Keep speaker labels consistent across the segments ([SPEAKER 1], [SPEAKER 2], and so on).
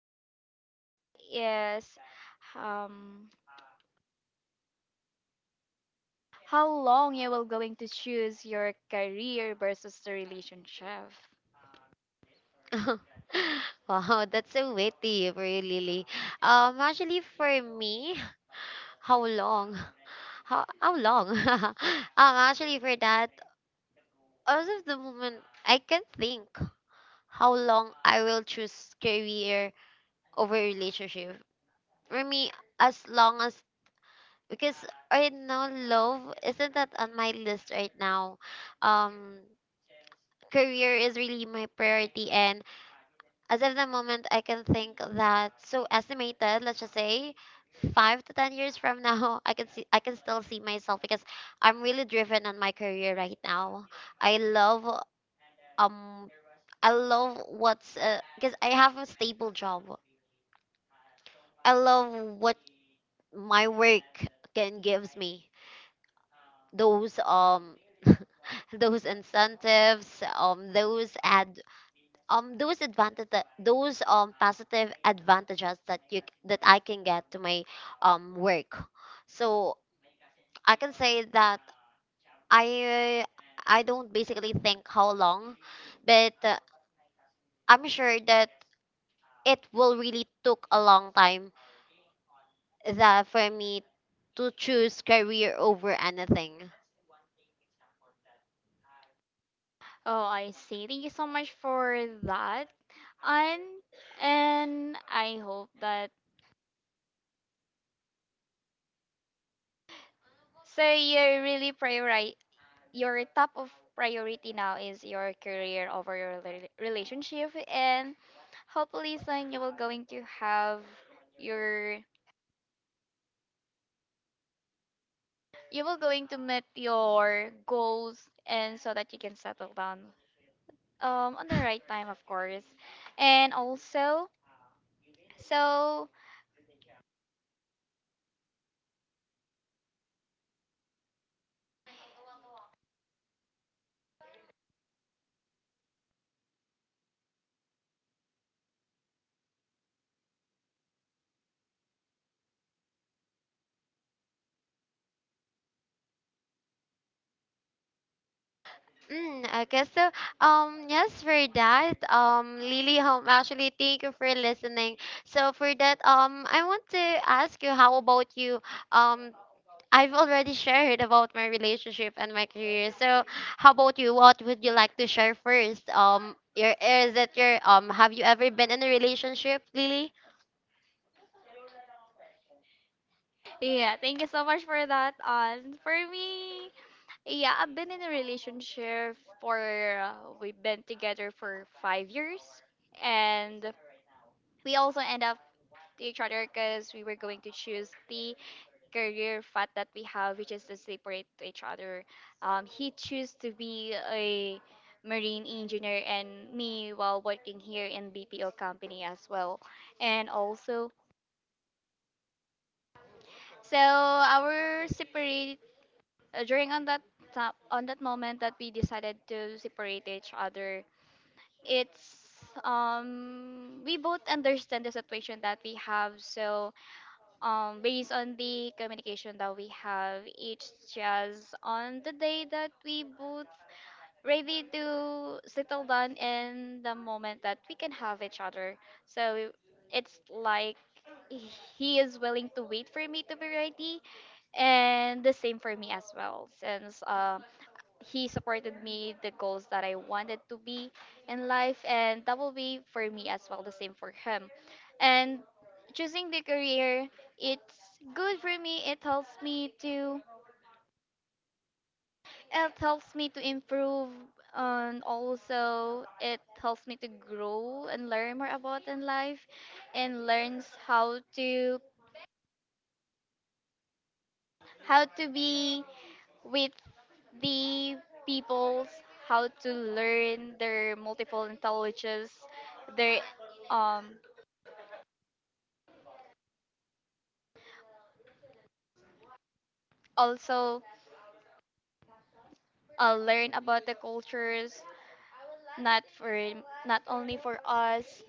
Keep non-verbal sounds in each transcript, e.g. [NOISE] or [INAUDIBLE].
[SPEAKER 1] question here is um how long you will going to choose your career versus the relationship?
[SPEAKER 2] [LAUGHS] Wow, that's so witty, really. Actually, for me, [LAUGHS] how long? [LAUGHS] How long? [LAUGHS] Actually, for that, as of the moment, I can think how long I will choose career over relationship. For me, as long as because I know love isn't that on my list right now. Um, career is really my priority, and as of the moment, I can think that, so estimated, let's just say 5 to 10 years from [LAUGHS] now, I can see, I can still see myself because I'm really driven on my career right now. I love um I love what's because I have a stable job. I love what my work can gives me. Those incentives, those ad those advantage, those positive advantages that that I can get to my work. So I can say that I I don't basically think how long, but I'm sure that it will really took a long time that for me to choose career over anything.
[SPEAKER 1] Oh, I see. Thank you so much for that. And and I hope that, so you're really prioritize, your top of priority now is your career over your relationship, and hopefully soon you will going to have your you were going to meet your goals, and so that you can settle down on the right time, of course, and also so
[SPEAKER 2] Mm, okay, so yes, for that, Lily Home, actually thank you for listening. So for that, I want to ask you how about you. um I've already [LAUGHS] shared about my relationship and my career. So how about you? What would you like to share first? Your is it your have you ever been in a relationship, Lily?
[SPEAKER 1] yeah, thank you so much for that, on. For me, yeah, I've been in a relationship for, uh, we've been together for 5 years, and we also end up to each other because we were going to choose the career path that we have, which is to separate to each other. He chose to be a marine engineer, and me while working here in BPO company as well. And also, so our separate, during on that top, on that moment that we decided to separate each other, it's, we both understand the situation that we have, so based on the communication that we have, it's just on the day that we both ready to settle down, in the moment that we can have each other. So it's like, he is willing to wait for me to be ready, and the same for me as well, since he supported me the goals that I wanted to be in life, and that will be for me as well the same for him. And choosing the career, it's good for me, it helps me to improve, and also it helps me to grow and learn more about in life, and learns how to be with the peoples, how to learn their multiple intelligences, their, um also, learn about the cultures, not for not only for us,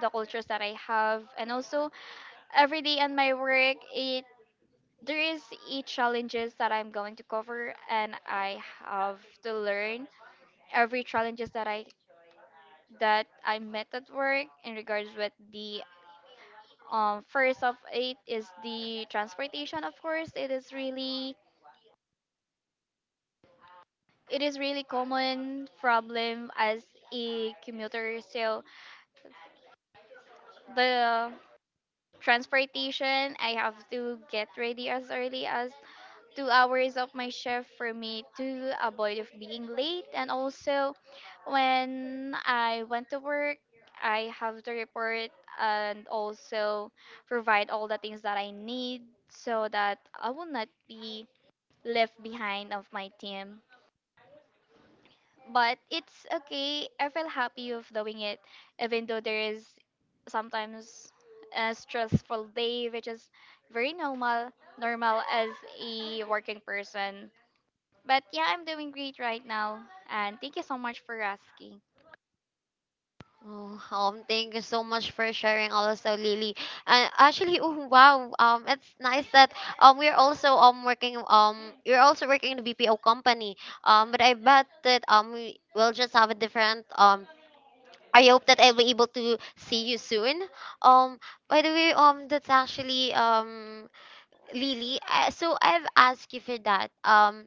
[SPEAKER 1] the cultures that I have. And also, every day in my work, it there is a challenges that I'm going to cover, and I have to learn every challenges that I met at work, in regards with the, first of it is the transportation. Of course, it is really, common problem as a commuter. So the transportation, I have to get ready as early as 2 hours of my shift for me to avoid of being late. And also, when I went to work, I have to report and also provide all the things that I need, so that I will not be left behind of my team. But it's okay, I feel happy of doing it, even though there is sometimes a stressful day, which is very normal, normal as a working person. But yeah, I'm doing great right now, and thank you so much for asking.
[SPEAKER 2] Oh, thank you so much for sharing also, Lily. And actually, [LAUGHS] oh, wow, it's nice that we're also working you're also working in the BPO company. But I bet that we will just have a different. I hope that I'll be able to see you soon. Um, by the way, that's actually Lily. So I've asked you for that.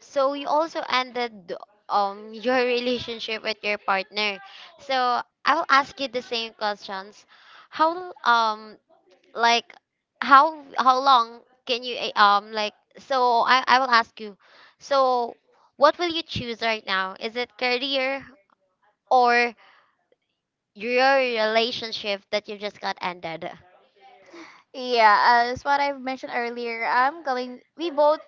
[SPEAKER 2] So you also ended [LAUGHS] your relationship with your partner. So I will ask you the same questions. How like how long can you eh, like so I will ask you. So what will you choose right now? Is it career or your relationship that you just got ended?
[SPEAKER 1] Yeah, as what I've mentioned earlier, I'm going. We both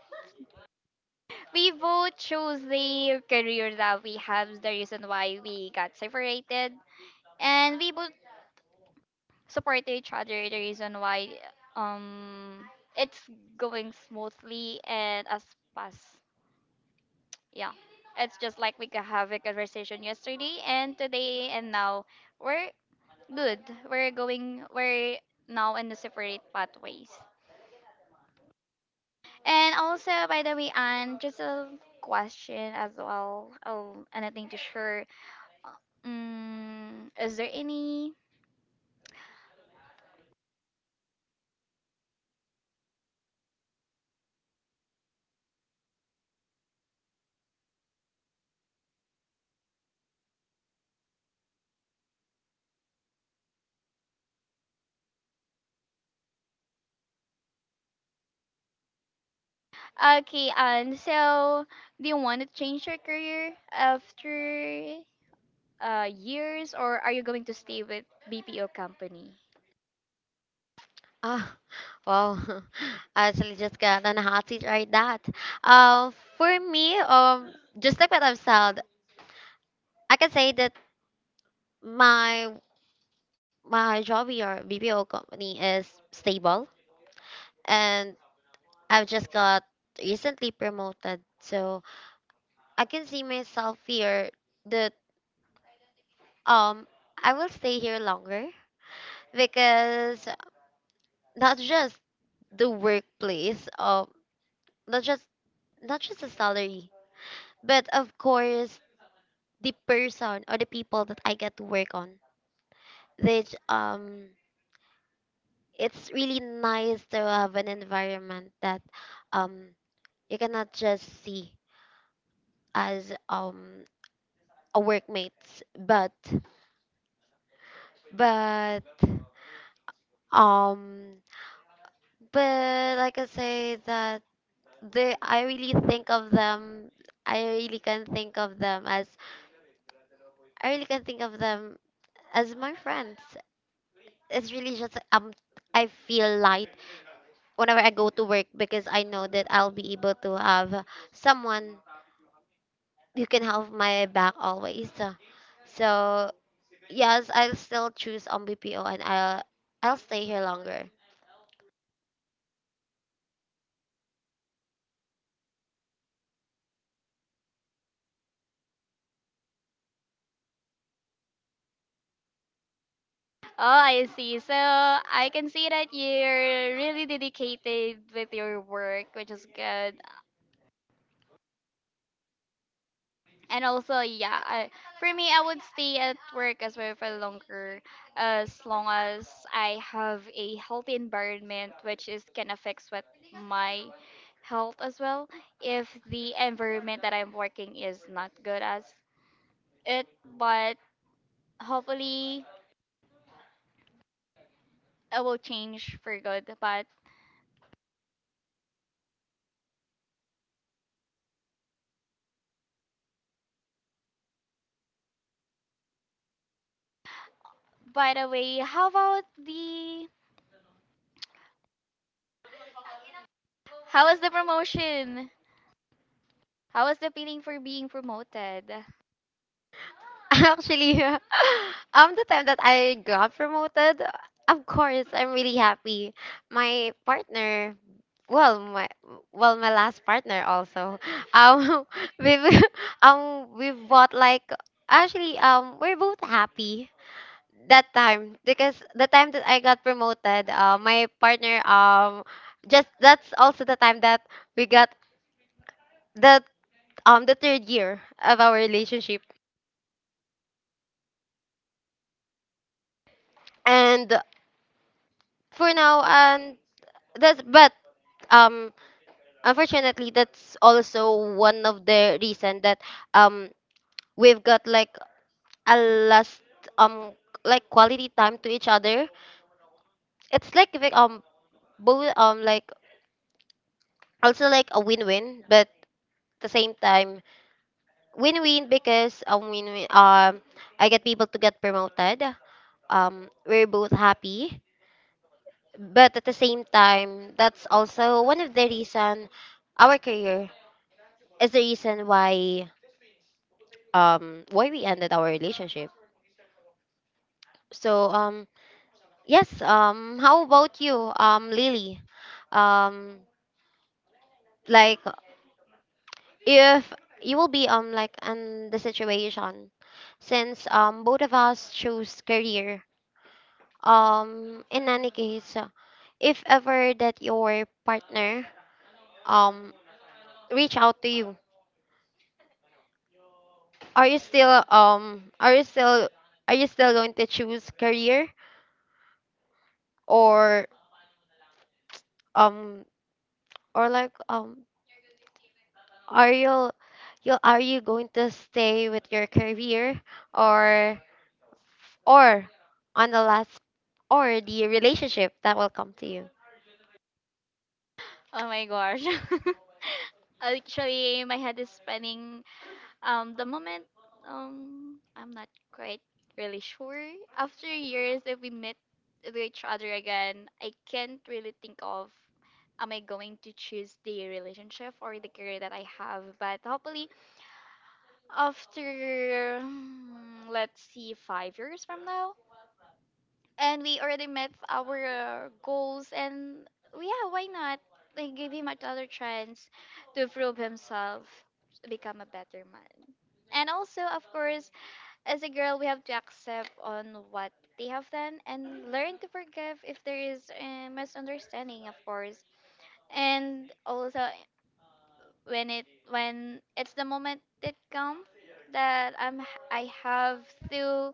[SPEAKER 1] we both chose the career that we have, the reason why we got separated, and we both support each other, the reason why, um it's going smoothly and as fast. Yeah, it's just like, we could have a conversation yesterday and today, and now we're good, we're now in the separate pathways. And also, by the way, Anne, just a question as well. Oh, anything to share? Uh, is there any... Okay, so, do you want to change your career after, years, or are you going to stay with BPO company?
[SPEAKER 2] Ah, [LAUGHS] wow. [LAUGHS] I actually just got on a hot seat right that. Um, for me, um, just like what I've said, I can say that my my job or BPO company is stable and I've just got recently promoted. So I can see myself here that um I will stay here longer because not just the workplace, not just the salary, but of course the person or the people that I get to work on. They j- um it's really nice to have an environment that um you cannot just see as a workmates, but but um but like I say that they I really think of them I really can think of them as I really can think of them as my friends. It's really just I feel light whenever I go to work because I know that I'll be able to have someone you can have my back always. So, so yes, I'll still choose on BPO and I'll stay here longer.
[SPEAKER 1] Oh, I see. So I can see that you're really dedicated with your work, which is good. And also, yeah, for me, I would stay at work as well for longer, as long as I have a healthy environment, which is can affect what my health as well. If the environment that I'm working is not good as it, but hopefully it will change for good. But by the way, how was the promotion, how was the feeling for being promoted?
[SPEAKER 2] [LAUGHS] Actually, [LAUGHS] the time that I got promoted, of course, I'm really happy. My partner, well, my well, my last partner also, [LAUGHS] um, [LAUGHS] we we- we bought like, actually we're both happy that time because the time that I got promoted, my partner just, that's also the time that we got the the third year of our relationship. And for now and that's but um unfortunately, that's also one of the reason that um we've got like a last um like quality time to each other. It's like if, both like also like a win-win, but at the same time win-win, because win-win, I get people to get promoted. We're both happy, but at the same time, that's also one of the reason our career is the reason why we ended our relationship. So yes, how about you, Lily, um like if you will be like in the situation since both of us choose career, in any case, if ever that your partner um reach out to you, are you still um are you still are you still going to choose career, or um or like um are you going to stay with your career, or or on the last, or the relationship that will come to you?
[SPEAKER 1] Oh my gosh. [LAUGHS] Actually, my head is spinning. The moment, I'm not quite really sure. After years, if we meet with each other again, I can't really think of, am I going to choose the relationship or the career that I have. But hopefully, after, let's see, 5 years from now, and we already met our, goals, and yeah, why not, like give him another chance to prove himself, to become a better man. And also, of course, as a girl, we have to accept on what they have done and learn to forgive if there is a misunderstanding, of course. And also, when it's the moment that come, that i have to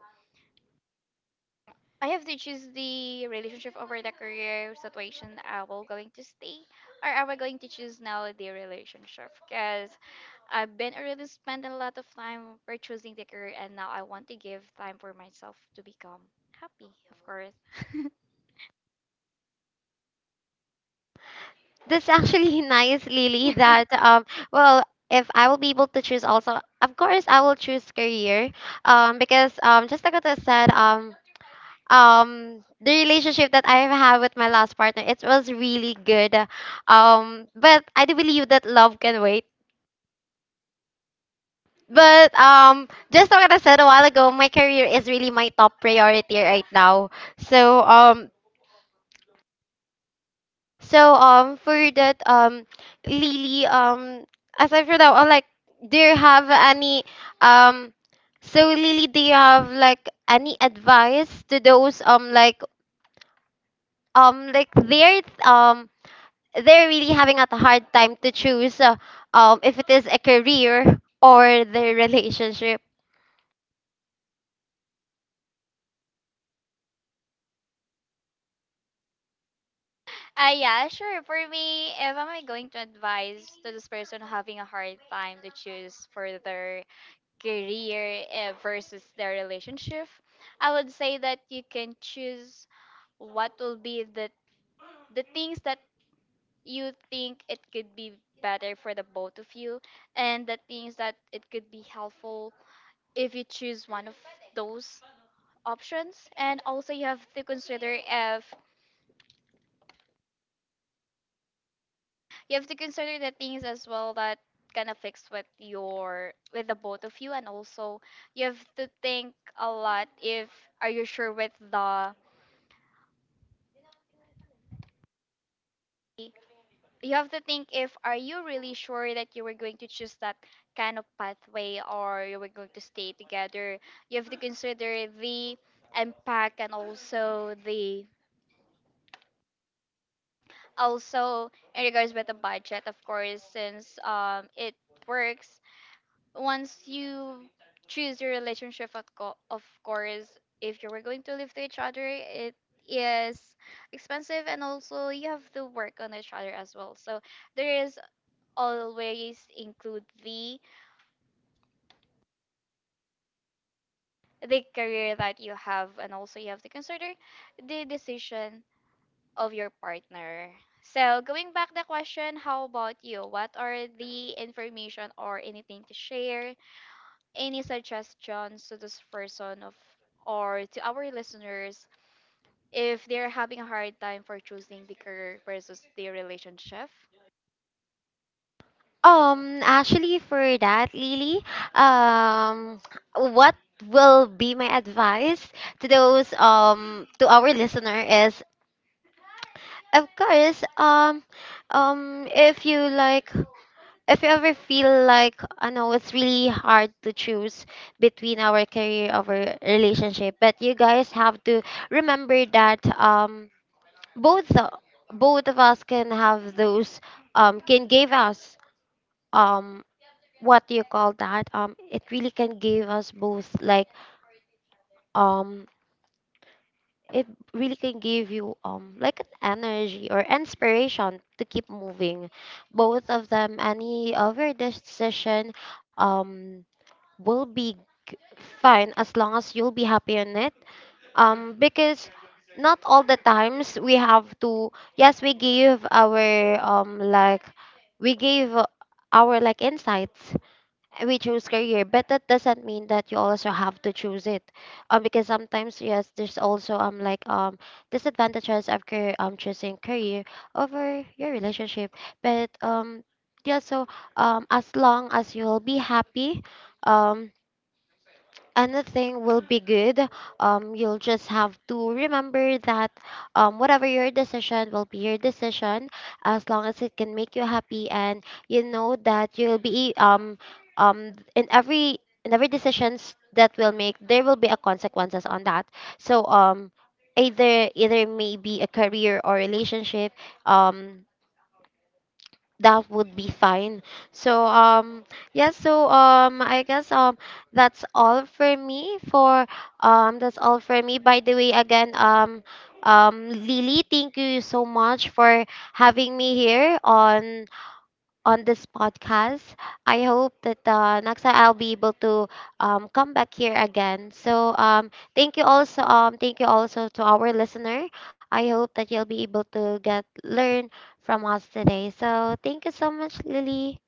[SPEAKER 1] I have to choose the relationship over the career situation, I will going to stay, or am I going to choose now the relationship? Because I've been already spending a lot of time for choosing the career, and now I want to give time for myself to become happy, of course.
[SPEAKER 2] That's actually [LAUGHS] nice, Lily. That
[SPEAKER 1] [LAUGHS]
[SPEAKER 2] well, if I will be able to choose also, of course, I will choose career. Because just like what I said, um, the relationship that I have with my last partner, it was really good. But I do believe that love can wait. But just like what I said a while ago, my career is really my top priority right now. So for that, Lily, aside from that one, like do you have any, um so Lily, do you have like any advice to those like they're really having a hard time to choose, if it is a career or their [LAUGHS] relationship?
[SPEAKER 1] Ah, yeah, sure. For me, if I'm going to advise to this person having a hard time to choose further career, versus the relationship, I would say that you can choose what will be the things that you think it could be better for the both of you, and the things that it could be helpful if you choose one of those options. And also, you have to consider, if you have to consider the things as well that kind of fix with your, with the both of you. And also, you have to think a lot, if are you sure with the you have to think if are you really sure that you were going to choose that kind of pathway, or you were going to stay together. You have to consider the impact, and also the also in regards with the budget, of course, since it works. Once you choose your relationship, of course, if you were going to live to each other, it is expensive, and also you have to work on each other as well, so there is always include the career that you have. And also, you have to consider the decision of your partner. So going back the question, how about you? What are the information, or anything to share, any suggestions to this person, of or to our listeners, if they're having a hard time for choosing the career versus the relationship?
[SPEAKER 2] Actually, for that, Lily, um, what will be my advice to those, to our listener, is, of course, if you like, if you ever feel like, I know it's really hard to choose between our career, our relationship, but you guys have to remember that both, both of us can have those, can give us um what do you call that, it really can give us both like, um it really can give you like an energy or inspiration to keep moving. Both of them, any of your decision um will be g- fine, as long as you'll be happy on it, because not all the times we have to, yes, we give our um like we give our like insights, we choose career, but that doesn't mean that you also have to choose it, because sometimes, yes, there's also disadvantages of career, choosing career over your relationship, but yeah, so, as long as you'll be happy, um anything will be good. You'll just have to remember that, whatever your decision will be, your decision, as long as it can make you happy, and you know that you'll be in every, in every decisions that will make, there will be a consequences on that. So either, either maybe a career or relationship, um that would be fine. So yeah, I guess that's all for me for that's all for me. By the way, again, Lily, thank you so much for having me here on this podcast. I hope that, next time I'll be able to, come back here again. So thank you also, thank you also to our listener. I hope that you'll be able to get learn from us today. So thank you so much, Lily.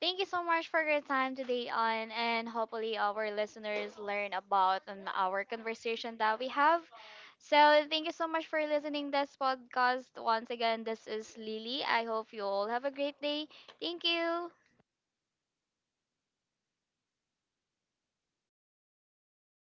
[SPEAKER 1] Thank you so much for your time today, on, and hopefully our listeners learn about on our conversation that we have. So thank you so much for listening this podcast. Once again, this is Lily. I hope you all have a great day. Thank you.